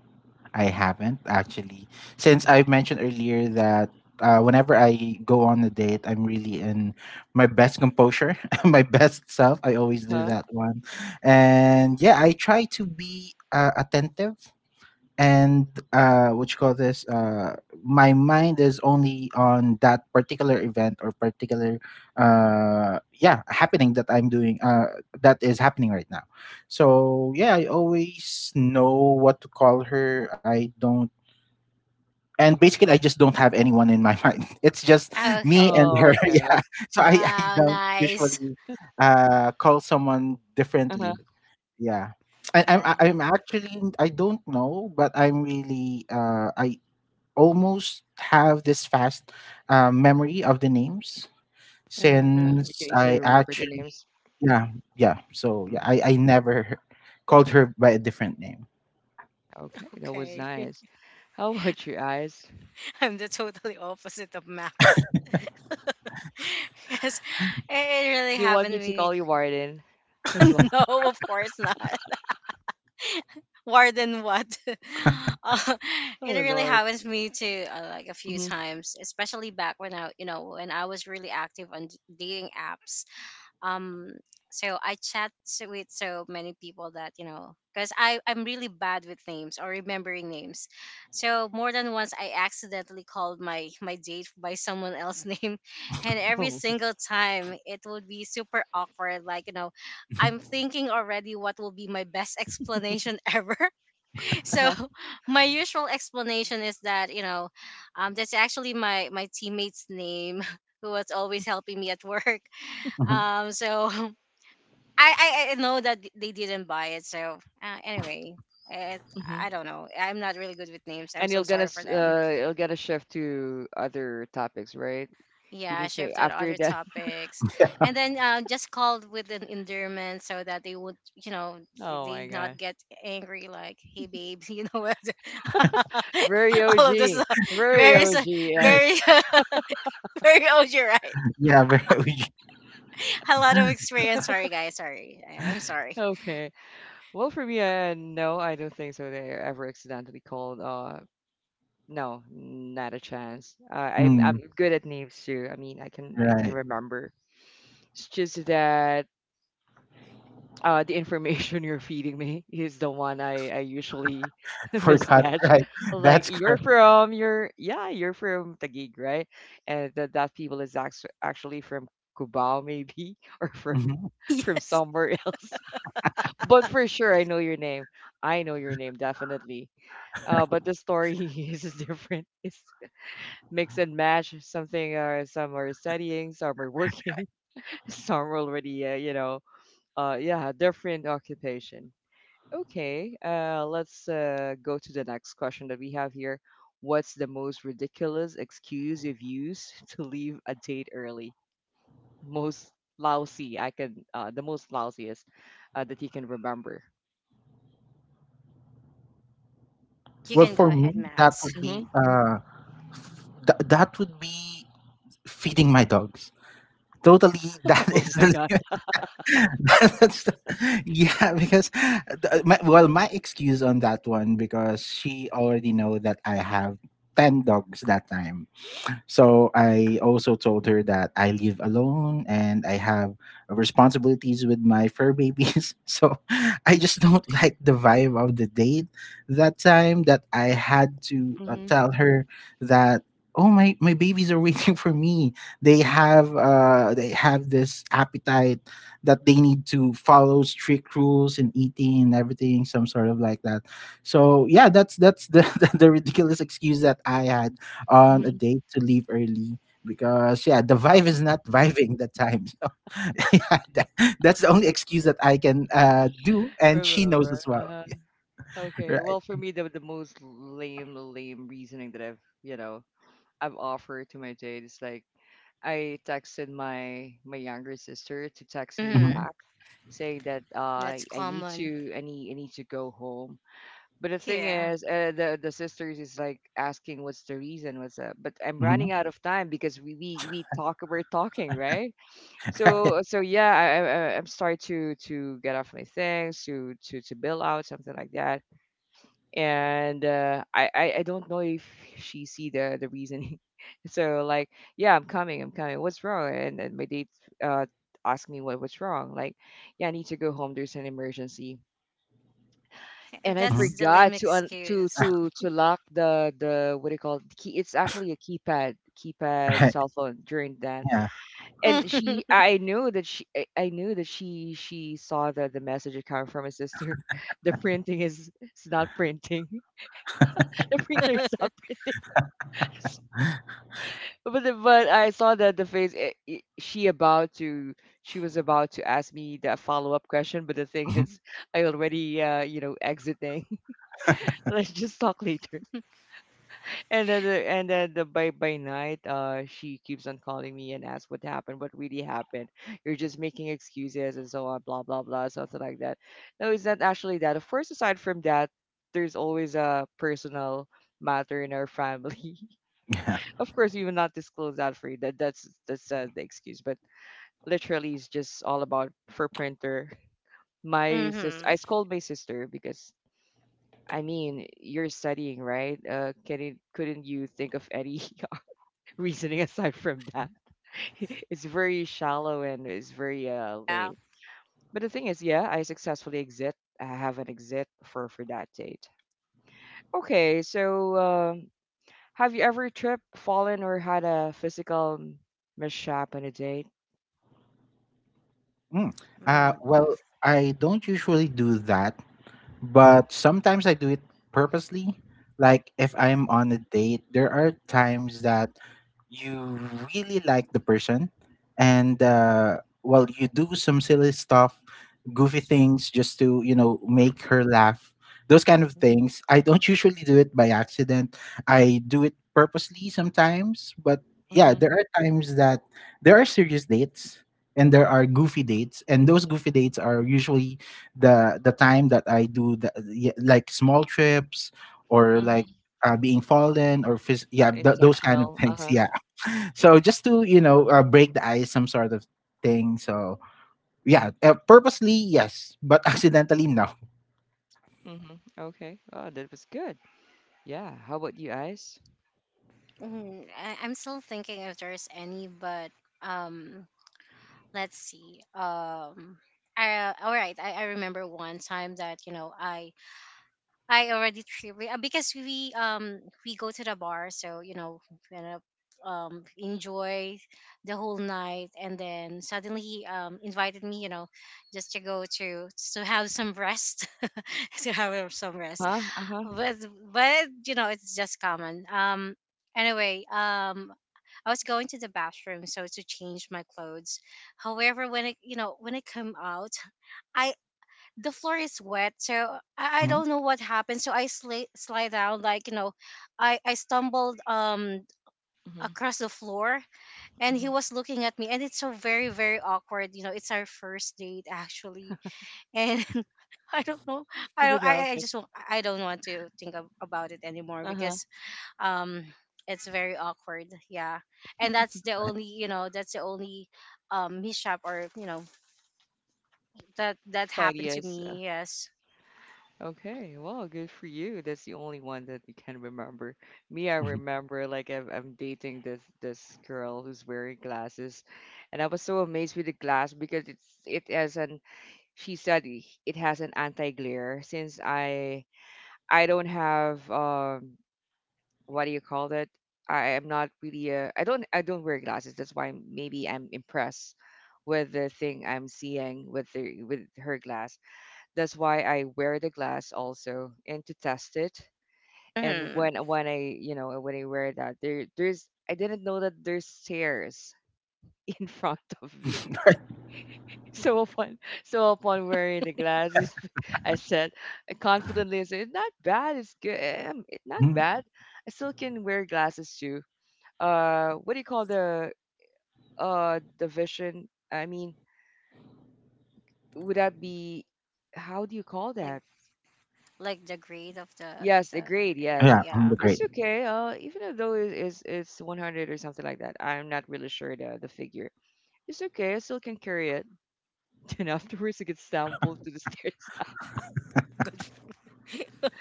I haven't actually. Since I've mentioned earlier that whenever I go on a date, I'm really in my best composure, my best self. I always Mm. do Huh? that one. And yeah, I try to be attentive and what you call this my mind is only on that particular event or particular yeah happening that I'm doing that is happening right now. So yeah, I always know what to call her. I don't and basically, I just don't have anyone in my mind. It's just me Okay. and Oh, her. okay. Yeah, so I Wow, don't nice. usually call someone Uh-huh. differently. Yeah. I'm actually I don't know, but I'm really I almost have this fast memory of the names Mm-hmm. you since can easily I remember the actually. names. Yeah, yeah. So yeah, Hmm. I never called her by a different name. Okay, that was Okay. nice. How about you guys? I'm the totally opposite of Max. Yes, it really Do you want happened. me to We call you Warden as well? no, of course not. More than what? uh, Oh, it really Lord. happens to me too, like a few Mm-hmm. times, especially back when I, you know, when I was really active on dating apps. Um, so I with so many people that you know, because I'm really bad with names or remembering names. So more than once, I accidentally called my my date by someone else's name, and every Oh. single time it would be super awkward. Like, you know, Mhm. I'm thinking already what will be my best explanation ever. So Uh-huh. my usual explanation is that that's actually my my teammate's name who was always helping me at work, Mhm. So I, I know that they didn't buy it, so anyway it, Mm-hmm. I don't know, I'm not really good with names. I'm And so you'll sorry for them. You'll gonna shift to other topics, right? You Yeah, need to shifted after other that. topics, and then just called with an endearment so that they would, you know, Oh my they not God. get angry. Like, hey babe, you know what? Very All of this OG. Very very, OG, guys. very, very old, you're right. Yeah, very. A lot of experience. Sorry, guys. Sorry, I'm sorry. Okay. Well, for me, no, I don't think so. They ever accidentally called. No, not a chance. I'm Mm, good at names too. I mean, I can right. remember. It's just that the information you're feeding me is the one I usually Forgot, mismatch. right. Like That's you're correct. from your, yeah, you're from Taguig, right? And that people is actually from Cubao maybe, or Mhm. from Yes, somewhere else. But for sure I know your name. I know your name definitely. But the story is different. It's mix and match. Some are studying, some are working, some are already you know, yeah, different occupation. Okay, let's go to the next question that we have here. What's the most ridiculous excuse you've used to leave a date early? Most lousy, I can the most lousiest that you can remember. you Well, can go for me, ahead, that Max. would Hmm. be f- th- that would be feeding my dogs. Totally, that Oh is my the. God. That's the, yeah, because my excuse on that one, because she already know that I have 10 dogs that time. So I also told her that I live alone and I have responsibilities with my fur babies. So I just don't like the vibe of the date that time, that I had to Mm-hmm. tell her that, oh, my babies are waiting for me. They have this appetite that they need to follow strict rules and eating and everything, some sort of like that. So yeah, that's the the ridiculous excuse that I had on a Mm-hmm. date to leave early, because yeah, the vibe is not vibing that time. So yeah, that's the only excuse that I can do, and she knows Remember. as well. Uh-huh. Okay. Well, for Right. me, the lame reasoning that I've, you know, I've offered to my date is like, I texted my younger sister to text me Hmm. Mm, back, saying that that's I need common. to, I need to go home. But the thing Yeah. is, the sisters is like asking what's the reason, what's up. But I'm Hmm. running out of time because we're talking, right? Right. So, so yeah, I'm starting to get off my things to to bill out something like that. And I don't know if she see the reasoning, so like, yeah, I'm coming, what's wrong? And then my date uh asked me what was wrong. Like, yeah, I need to go home, there's an emergency. Yeah, And I Hmm. that's the lame forgot to excuse. To lock the what do you call it? Key, it's actually a keypad, keypad Right. cell phone during that. Yeah. And she I I knew that she saw the message it coming from my sister. the printing is it's not printing the printer is Mm-hmm. not printing. But the, but I saw that the face, she was about to ask me the follow-up question, but the thing Mhm. is I already you know, exiting. Let's just talk later. And then the, by night, she keeps on calling me and asks what happened, what really happened. You're just making excuses and so on, blah blah blah, something like that. No, it's not actually that. Of course, aside from that, there's always a personal matter in our family. Yeah. Of course, we will not disclose that for you. That's the excuse. But literally, it's just all about for printer. My sister, I scold my sister because, I mean, you're studying, right? Can it, couldn't you think of any reasoning aside from that. It's very shallow and it's very Yeah. lame. But the thing is, yeah, I successfully exit. I have an exit for that date. Okay, so have you ever tripped, fallen, or had a physical mishap on a date? Mm. Mm. Well, I don't usually do that, but sometimes I do it purposely. Like, if I'm on a date, there are times that you really like the person, and well, you do some silly stuff, goofy things just to make her laugh. Those kind of Hmm. things. I don't usually do it by accident. I do it purposely sometimes, but yeah, Hmm. there are times that there are serious dates and there are goofy dates, and those goofy dates are usually the time that I do the yeah, like, small trips or like, Hmm. Being fallen or yeah, those kind of Intentional. Uh things, huh. yeah. So just to break the ice, some sort of thing. So yeah, purposely yes, but accidentally no. Hmm. Okay. Oh, that was good. Yeah. How about you, Ice? Mhm. I'm still thinking if there's any, but um, let's see. I, all right. I remember one time that you know I already tripped because we go to the bar, so you know gonna enjoy the whole night, and then suddenly he invited me, you know, just to go to have some rest, to have some rest. Huh? Uh huh. But you know, it's just common. Anyway, I was going to the bathroom so to change my clothes. However, when when I come out, I the floor is wet, so I Mhm. don't know what happened. So I slide down, like, you know, I stumbled Hmm. across the floor, and he Hmm. was looking at me, and it's so very, very awkward. You know, it's our first date actually, and I don't know. I What I, I happened? just I don't want to think about it anymore, Uh huh. because um it's very awkward. Yeah, and that's the Right. only that's the only mishap or you know that that happened to Funniest. me. Yes. Okay, well, good for you. That's the only one that you can remember. Me, I Mhm. remember like I'm dating this girl who's wearing glasses, and I was so amazed with the glass because it's it has an, she said, it has an anti-glare. Since I don't have, um, what do you call that? I am not really a, I don't wear glasses. That's why maybe I'm impressed with the thing I'm seeing with the with her. That's why I wear the glass also and to test it. And Hmm. When I, you know, when I wear that, there's, I didn't know that there's stairs in front of me. So upon so upon wearing the glasses, I said, I confidently I said, it's not bad. It's good. It's not Mhm. bad. I still can wear glasses too. What do you call the vision? I mean, would that be, how do you call Like that? like the grade of Yes, the agreed. area. Yes, Yeah, I'm Yeah. the it's great. okay. Even though it's 100 or something like that, I'm not really sure the figure. It's okay. I still can carry it. And afterwards, it gets tumbled to the stairs. Good.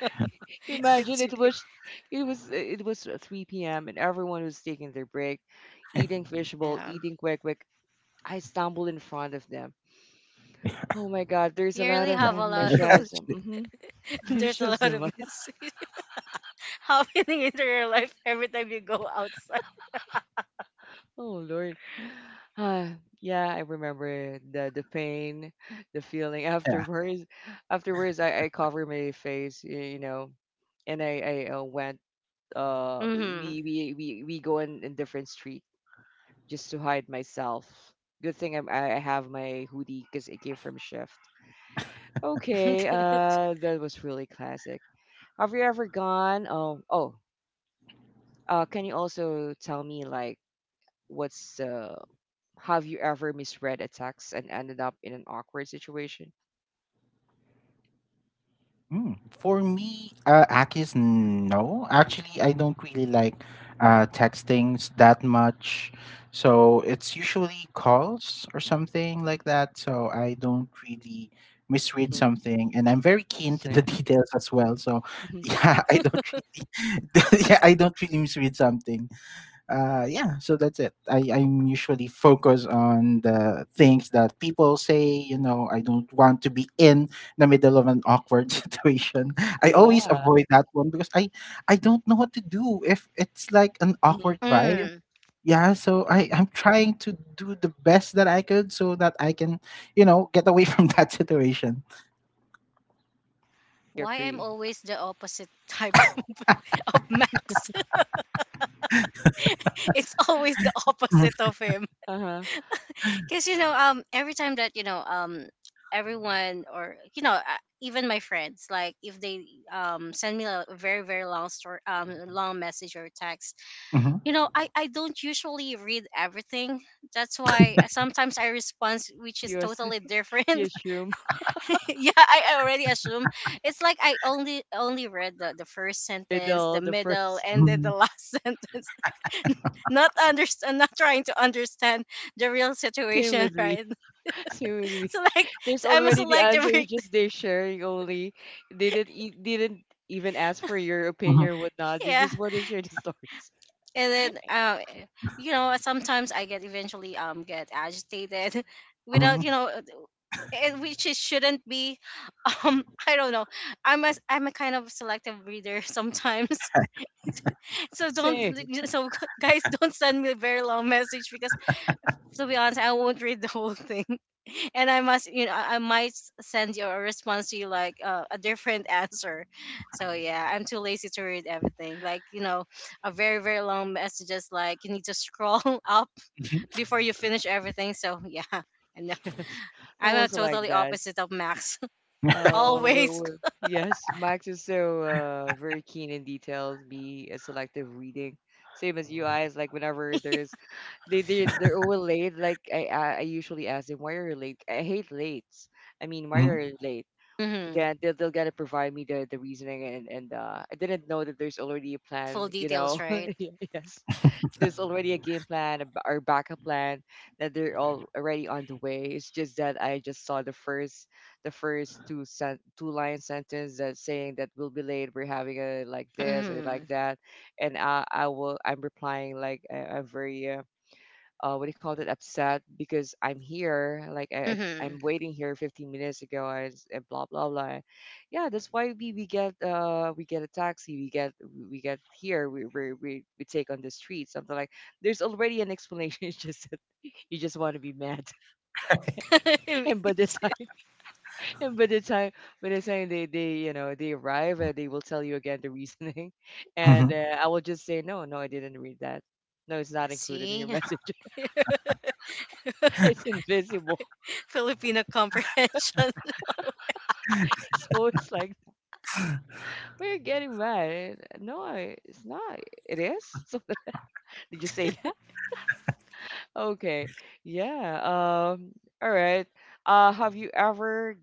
f- Imagine it's it was, it was 3 p.m. and everyone was taking their break, eating fishbowl, yeah. eating quick quick. I stumbled in front of them. Oh my God! There's a You lot really of Yeah. have a lot of mishaps, Yeah, mm-hmm, there's a mishaps. lot of mis happening in your life every time you go outside. Oh Lord. Uh, yeah, I remember the pain, the feeling yeah. afterwards. Afterwards, I cover my face, you know, and I went. Mhm. We go in different street just to hide myself. Good thing I have my hoodie because it came from shift. Okay. That was really classic. Have you ever gone? Oh. Can you also tell me like what's the, have you ever misread a text and ended up in an awkward situation? Mm, for me, Akis, no. Actually, I don't really like textings that much. So it's usually calls or something like that. So I don't really misread Hmm. something. And I'm very keen to the Same. details as well. So Hmm. yeah, I don't really, yeah, I don't really misread something. Yeah, so that's it. I'm usually focused on the things that people say, I don't want to be in the middle of an awkward situation. I always Yeah. avoid that one, because I don't know what to do if it's like an Hmm. awkward vibe. Mm. Yeah, so Yeah. I'm trying to do the best that I could so that I can get away from that situation. You Why I'm agree. always the opposite type of Max? It's always the Mhm, opposite of him. Uh huh. Because you know, every time that you know, everyone or even my friends, like if they send me a very, very long story, long message or text, mhm, you know, I don't usually read everything. That's why sometimes I respond which is You as- totally you different. assume Yeah, I already assume it's like I only read the first sentence, the riddle the middle, first. and then the mhm, last sentence. Not understand, not trying to understand the real Same situation, with me. right? Same with me. Select. There's So I'm a already the selective answer. It's reader. just they're sharing only. They didn't e- didn't even ask for your mhm, opinion or whatnot. They Yeah, just want to share the stories. and then you know sometimes I get eventually get agitated without mhm, and which it shouldn't be. I don't know. I'm a kind of selective reader sometimes. So don't Same. like, so guys, don't send me a very long message, because to be honest, I won't read the whole thing. And I must, you know, I send you a response to you like a different answer. So yeah, I'm too lazy to read everything. Like, you know, a very, very long messages, like you need to scroll up mhm, before you finish everything. So yeah, I know Yes. I'm I'm a also like totally that. opposite of Max. Uh, well, Always. well, yes, Max is so very keen in details, be a selective reading. Same as you, guys. Like whenever there's they're all late. Like I usually ask them, why are you late? I hate lates. I mean, why are mhm, you late? Hmm. Then they'll gotta provide me the reasoning, and I didn't know that there's already a plan. Full You details, know, right? yeah, yes, there's already a game plan, a b- or backup plan, that they're all already on the way. It's just that I just saw the first, the first two line sentence that saying that we'll be late. We're having a like this or Hmm. like that, and I'm replying like, I'm very, what do you call it, upset because I'm here, like, I Hmm. am waiting here 15 minutes ago, and, and blah blah blah. Yeah, that's why we get we get a taxi, we get here, we take on the street, something like. There's already an explanation. It's just that you just want to be mad, Me and by the too. time and by the time they they arrive, they will tell you again the reasoning, and mhm. I will just say no, no, I didn't read that. No, it's not included in your See? message. It's invisible. Filipino comprehension. So it's like we're getting mad. No, it's not. It is? Something. Did you say that? Okay. Yeah. All right. Have you ever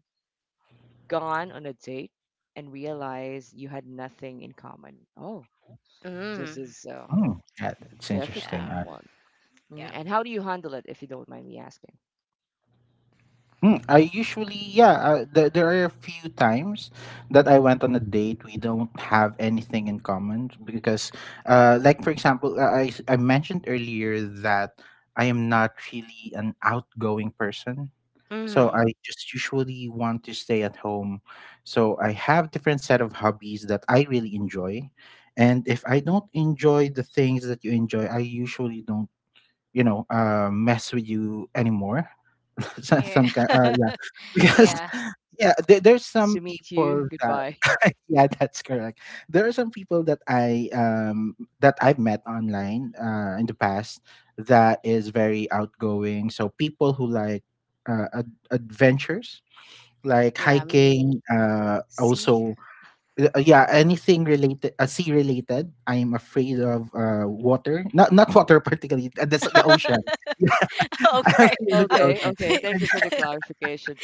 gone on a date and realized you had nothing in common? Oh, this Mm. is a Mm, yeah, that's Yeah. difficult interesting. Um, one. Mm, yeah. and how do you handle it, if you don't mind me asking? I usually, yeah, there are a few times that I went on a date. We don't have anything in common because, like, for example, I mentioned earlier that I am not really an outgoing person. So Mm. I just usually want to stay at home. So I have different set of hobbies that I really enjoy. And if I don't enjoy the things that you enjoy, I usually don't mess with you anymore. some, Yeah. some kind, yeah, because Yeah. yeah, there's Nice some to meet you. people that Goodbye. yeah, that's correct. There are some people that I've met online in the past, that is very outgoing. So people who like adventures, like Yeah, me. hiking, See? also, yeah, anything related, sea related. I am afraid of water, not water particularly, the ocean. I'm Okay. afraid of the Okay. ocean. Okay. Thank you for the clarification.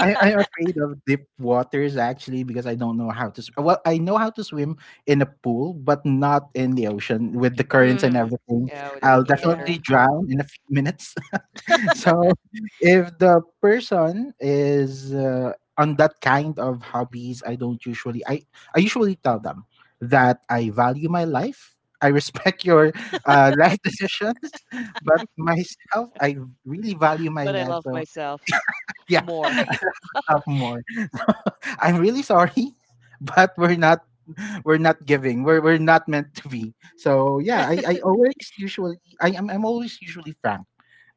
I, I'm afraid of deep waters actually, because I don't know how to swim. Well, I know how to swim in a pool, but not in the ocean with the currents and Mm. everything. Yeah, with the I'll open water. Yeah. definitely Uh-huh. drown in a few minutes. So, if the person is on that kind of hobbies, I don't usually. I usually tell them that I value my life. I respect your life decisions, but myself, I really value my But I life. love So myself yeah, more. sophomore. I'm really sorry, but we're not, we're not giving. We're not meant to be. So yeah, I'm always usually frank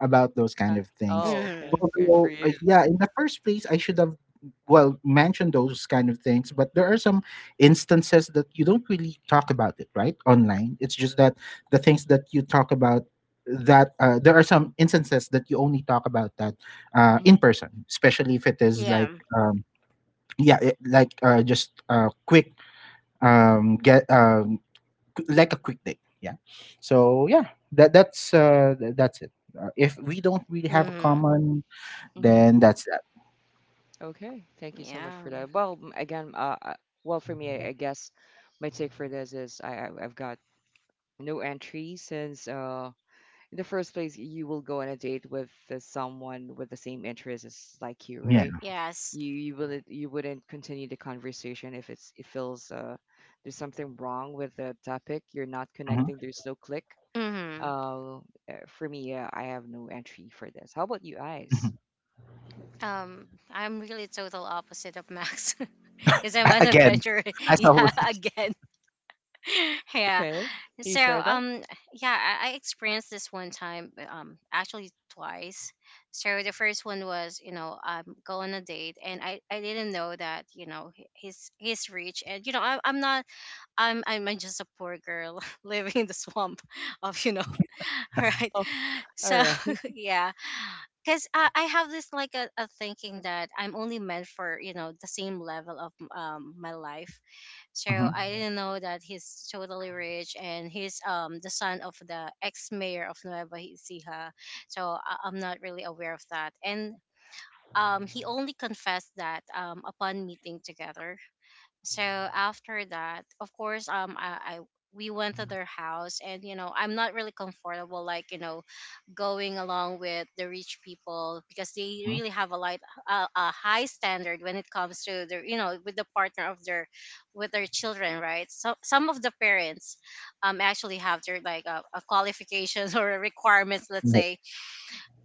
about those kind of things. Oh, okay. Mmm. Good for Although you. yeah, in the first place I should have well mentioned those kind of things, but there are some instances that you don't really talk about it, right? Online. It's just that the things that you talk about, that there are some instances that you only talk about that in Mhm. person, especially if it is Yeah. like, yeah, like, just quick, get, like a quick date. Yeah. So yeah, that's it. If we don't really have a Mmm. common, Hmm. then that's that. Okay. Thank you so much Yeah. for that. Well, again, well, for me, I guess my take for this is I I've got no entry since in the first place you will go on a date with someone with the same interests as like you, right? Yeah. Yes. You will you wouldn't continue the conversation if it feels there's something wrong with the topic. You're not Mhm, connecting. There's no click. Mmm. Uh, uh, for me, I have no entry for this. How about you, mhm. Eyes? I'm really total opposite of Max. Because I'm an Again, adventurer. as Yeah, always. again. Yeah. Okay, can you So share that? Yeah, I experienced this one time, actually twice. So the first one was, you know, go on a date, and I didn't know that, you know, he's rich, and you know, I'm not, I'm I'm just a poor girl living in the swamp of, you know, right? Oh, all So right. yeah, cuz I have this like a thinking that I'm only meant for, you know, the same level of my life. So Mhm, I didn't know that he's totally rich, and he's the son of the ex mayor of Nueva Ecija. So I'm not really aware of that. And he only confessed that upon meeting together. So after that, of course, I we went to their house, and you know, I'm not really comfortable, like, you know, going along with the rich people, because they mhm. really have a light, a high standard when it comes to their, you know, with the partner of their, with their children, right? So some of the parents, actually have their like a qualifications or requirements, let's Right. say,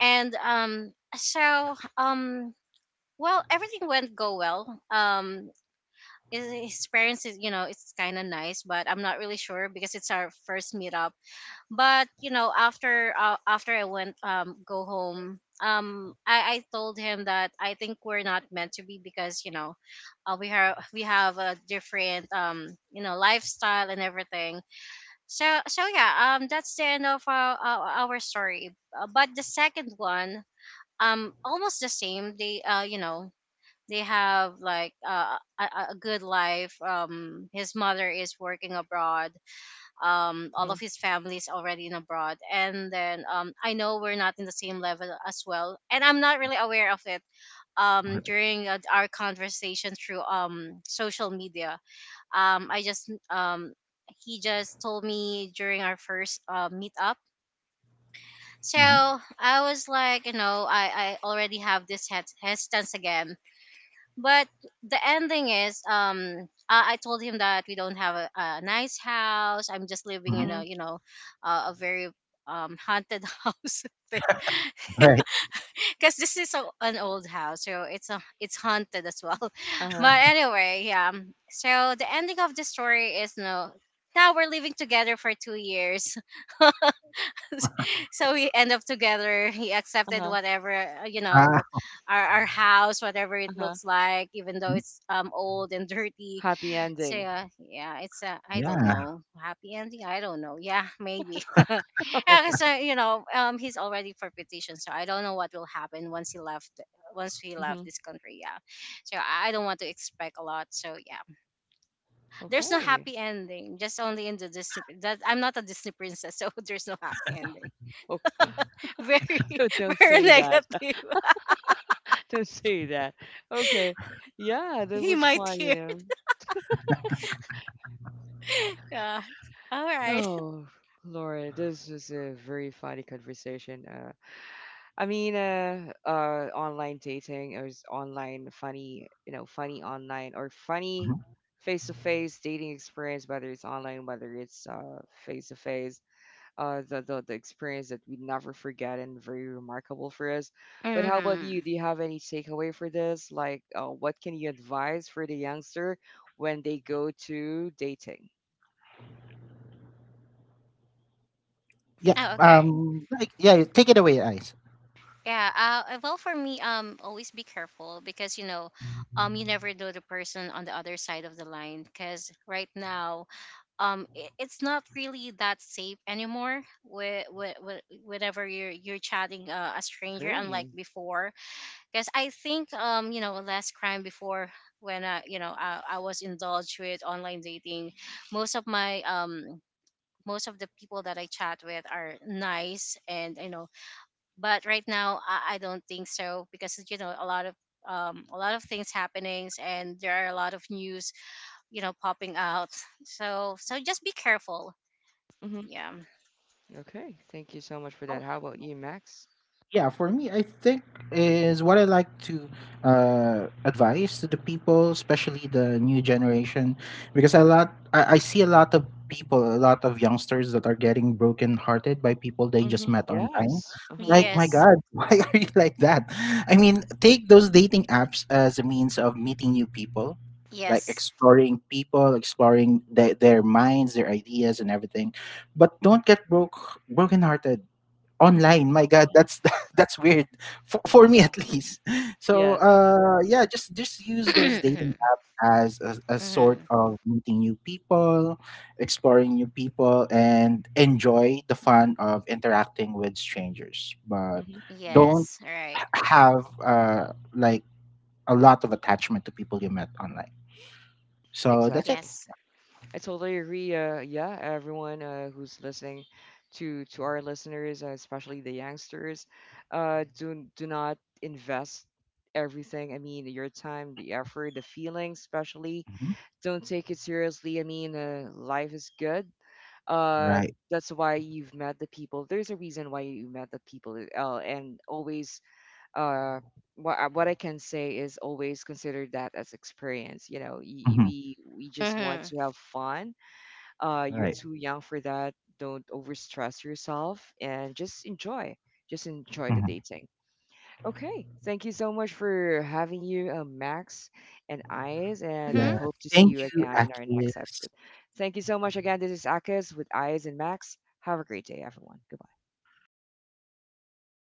and so. Well, everything went go well. His parents is, you know, it's kind of nice, but I'm not really sure because it's our first meetup. But you know, after after I went go home, I told him that I think we're not meant to be, because you know we have, we have a different you know lifestyle and everything. So so yeah, that's the end of our story. But the second one, almost the same. They you know they have like a good life. His mother is working abroad, all of his family is already in abroad, and then I know we're not in the same level as well, and I'm not really aware of it during our conversation through social media. I just He just told me during our first meetup. So Mhm, I was like, you know, I already have this hesitance again. But the ending is, I told him that we don't have a nice house, I'm just living mhm. in Mhm. a, you know, a very haunted house thing, Right. because this is an old house, so it's a it's haunted as well. Uh-huh. But anyway, yeah, so the ending of the story is no, now we're living together for 2 years. So we end up together. He accepted Uh-huh. whatever, you Ah, know, our house, whatever it Uh-huh. looks like, even though mhm, it's old and dirty. Happy So ending. yeah, yeah, it's a, I don't yeah, know, happy ending. I don't know. Yeah, maybe. Oh. Yeah. So you know, he's already for petition, so I don't know what will happen once he left. Once he left Mhm. this country, yeah. So I don't want to expect a lot. So yeah, there's no Okay. happy ending. Just only in the Disney. That I'm not a Disney princess, so there's no happy ending. Oh, Very, don't very say that. negative. Don't say that. Okay. Yeah, that He was might fun, you hear. know. Yeah. All right. Oh, Laura, this was a very funny conversation. I mean, online dating or online funny, you know, funny online or funny mhm, face-to-face dating experience, whether it's online, whether it's face-to-face. The the experience that we never forget and very remarkable for us. But how about you? Mm-hmm. Do you have any takeaway for this? Like, what can you advise for the youngster when they go to dating? yeah, Oh, okay. Like, yeah, take it away, Ice. Yeah, well, for me, always be careful, because you know, you never know the person on the other side of the line. Because right now, I it's not really that safe anymore. With, whenever you're chatting a stranger, unlike Great. before. Because I think, you know, last crime before when I, you know, I was indulged with online dating. Most of my. Most of the people that I chat with are nice, and you know, but right now I don't think so, because you know a lot of things happenings, and there are a lot of news you know popping out. So so just be careful, Hmm. yeah. Okay. Thank you so much for that. How about you, Max? Yeah, for me, I think is what I like to advise to the people, especially the new generation, because I see a lot of people, a lot of youngsters that are getting broken hearted by people they just Hmm. met online. Yes. Uh-huh. Like, my Yes. god, why are you like that? I mean, take those dating apps as a means of meeting new people, like Yes. exploring people, exploring their minds, their ideas and everything. But don't get broken hearted online. My god, that's that's weird, for me at least. So Yes. Yeah, just use those dating Hmm. apps as a sort of meeting new people, exploring new people, and enjoy the fun of interacting with strangers, but Hmm. Yes, don't right. have like, a lot of attachment to people you met online. So that's it. Yes. Exactly. I totally agree. Yeah, everyone who's listening to our listeners, especially the youngsters, do not invest everything. I mean, your time, the effort, the feeling, especially. Mhm. Don't take it seriously. I mean, life is good. Uh, Right. that's why you've met the people. There's a reason why you met the people. And always, uh, what I can say is always consider that as experience. You know, Mhm. We just want Hmm. to have fun you're Right. too young for that. Don't overstress yourself and just enjoy. Just enjoy the Mhm. dating. Okay. Thank you so much for having you, Max and Eyes, and I Hmm. Yes. hope to see Thank you you, again in our next Akis. episode. Thank you so much again. This is Akis with Eyes and Max. Have a great day, everyone. Goodbye.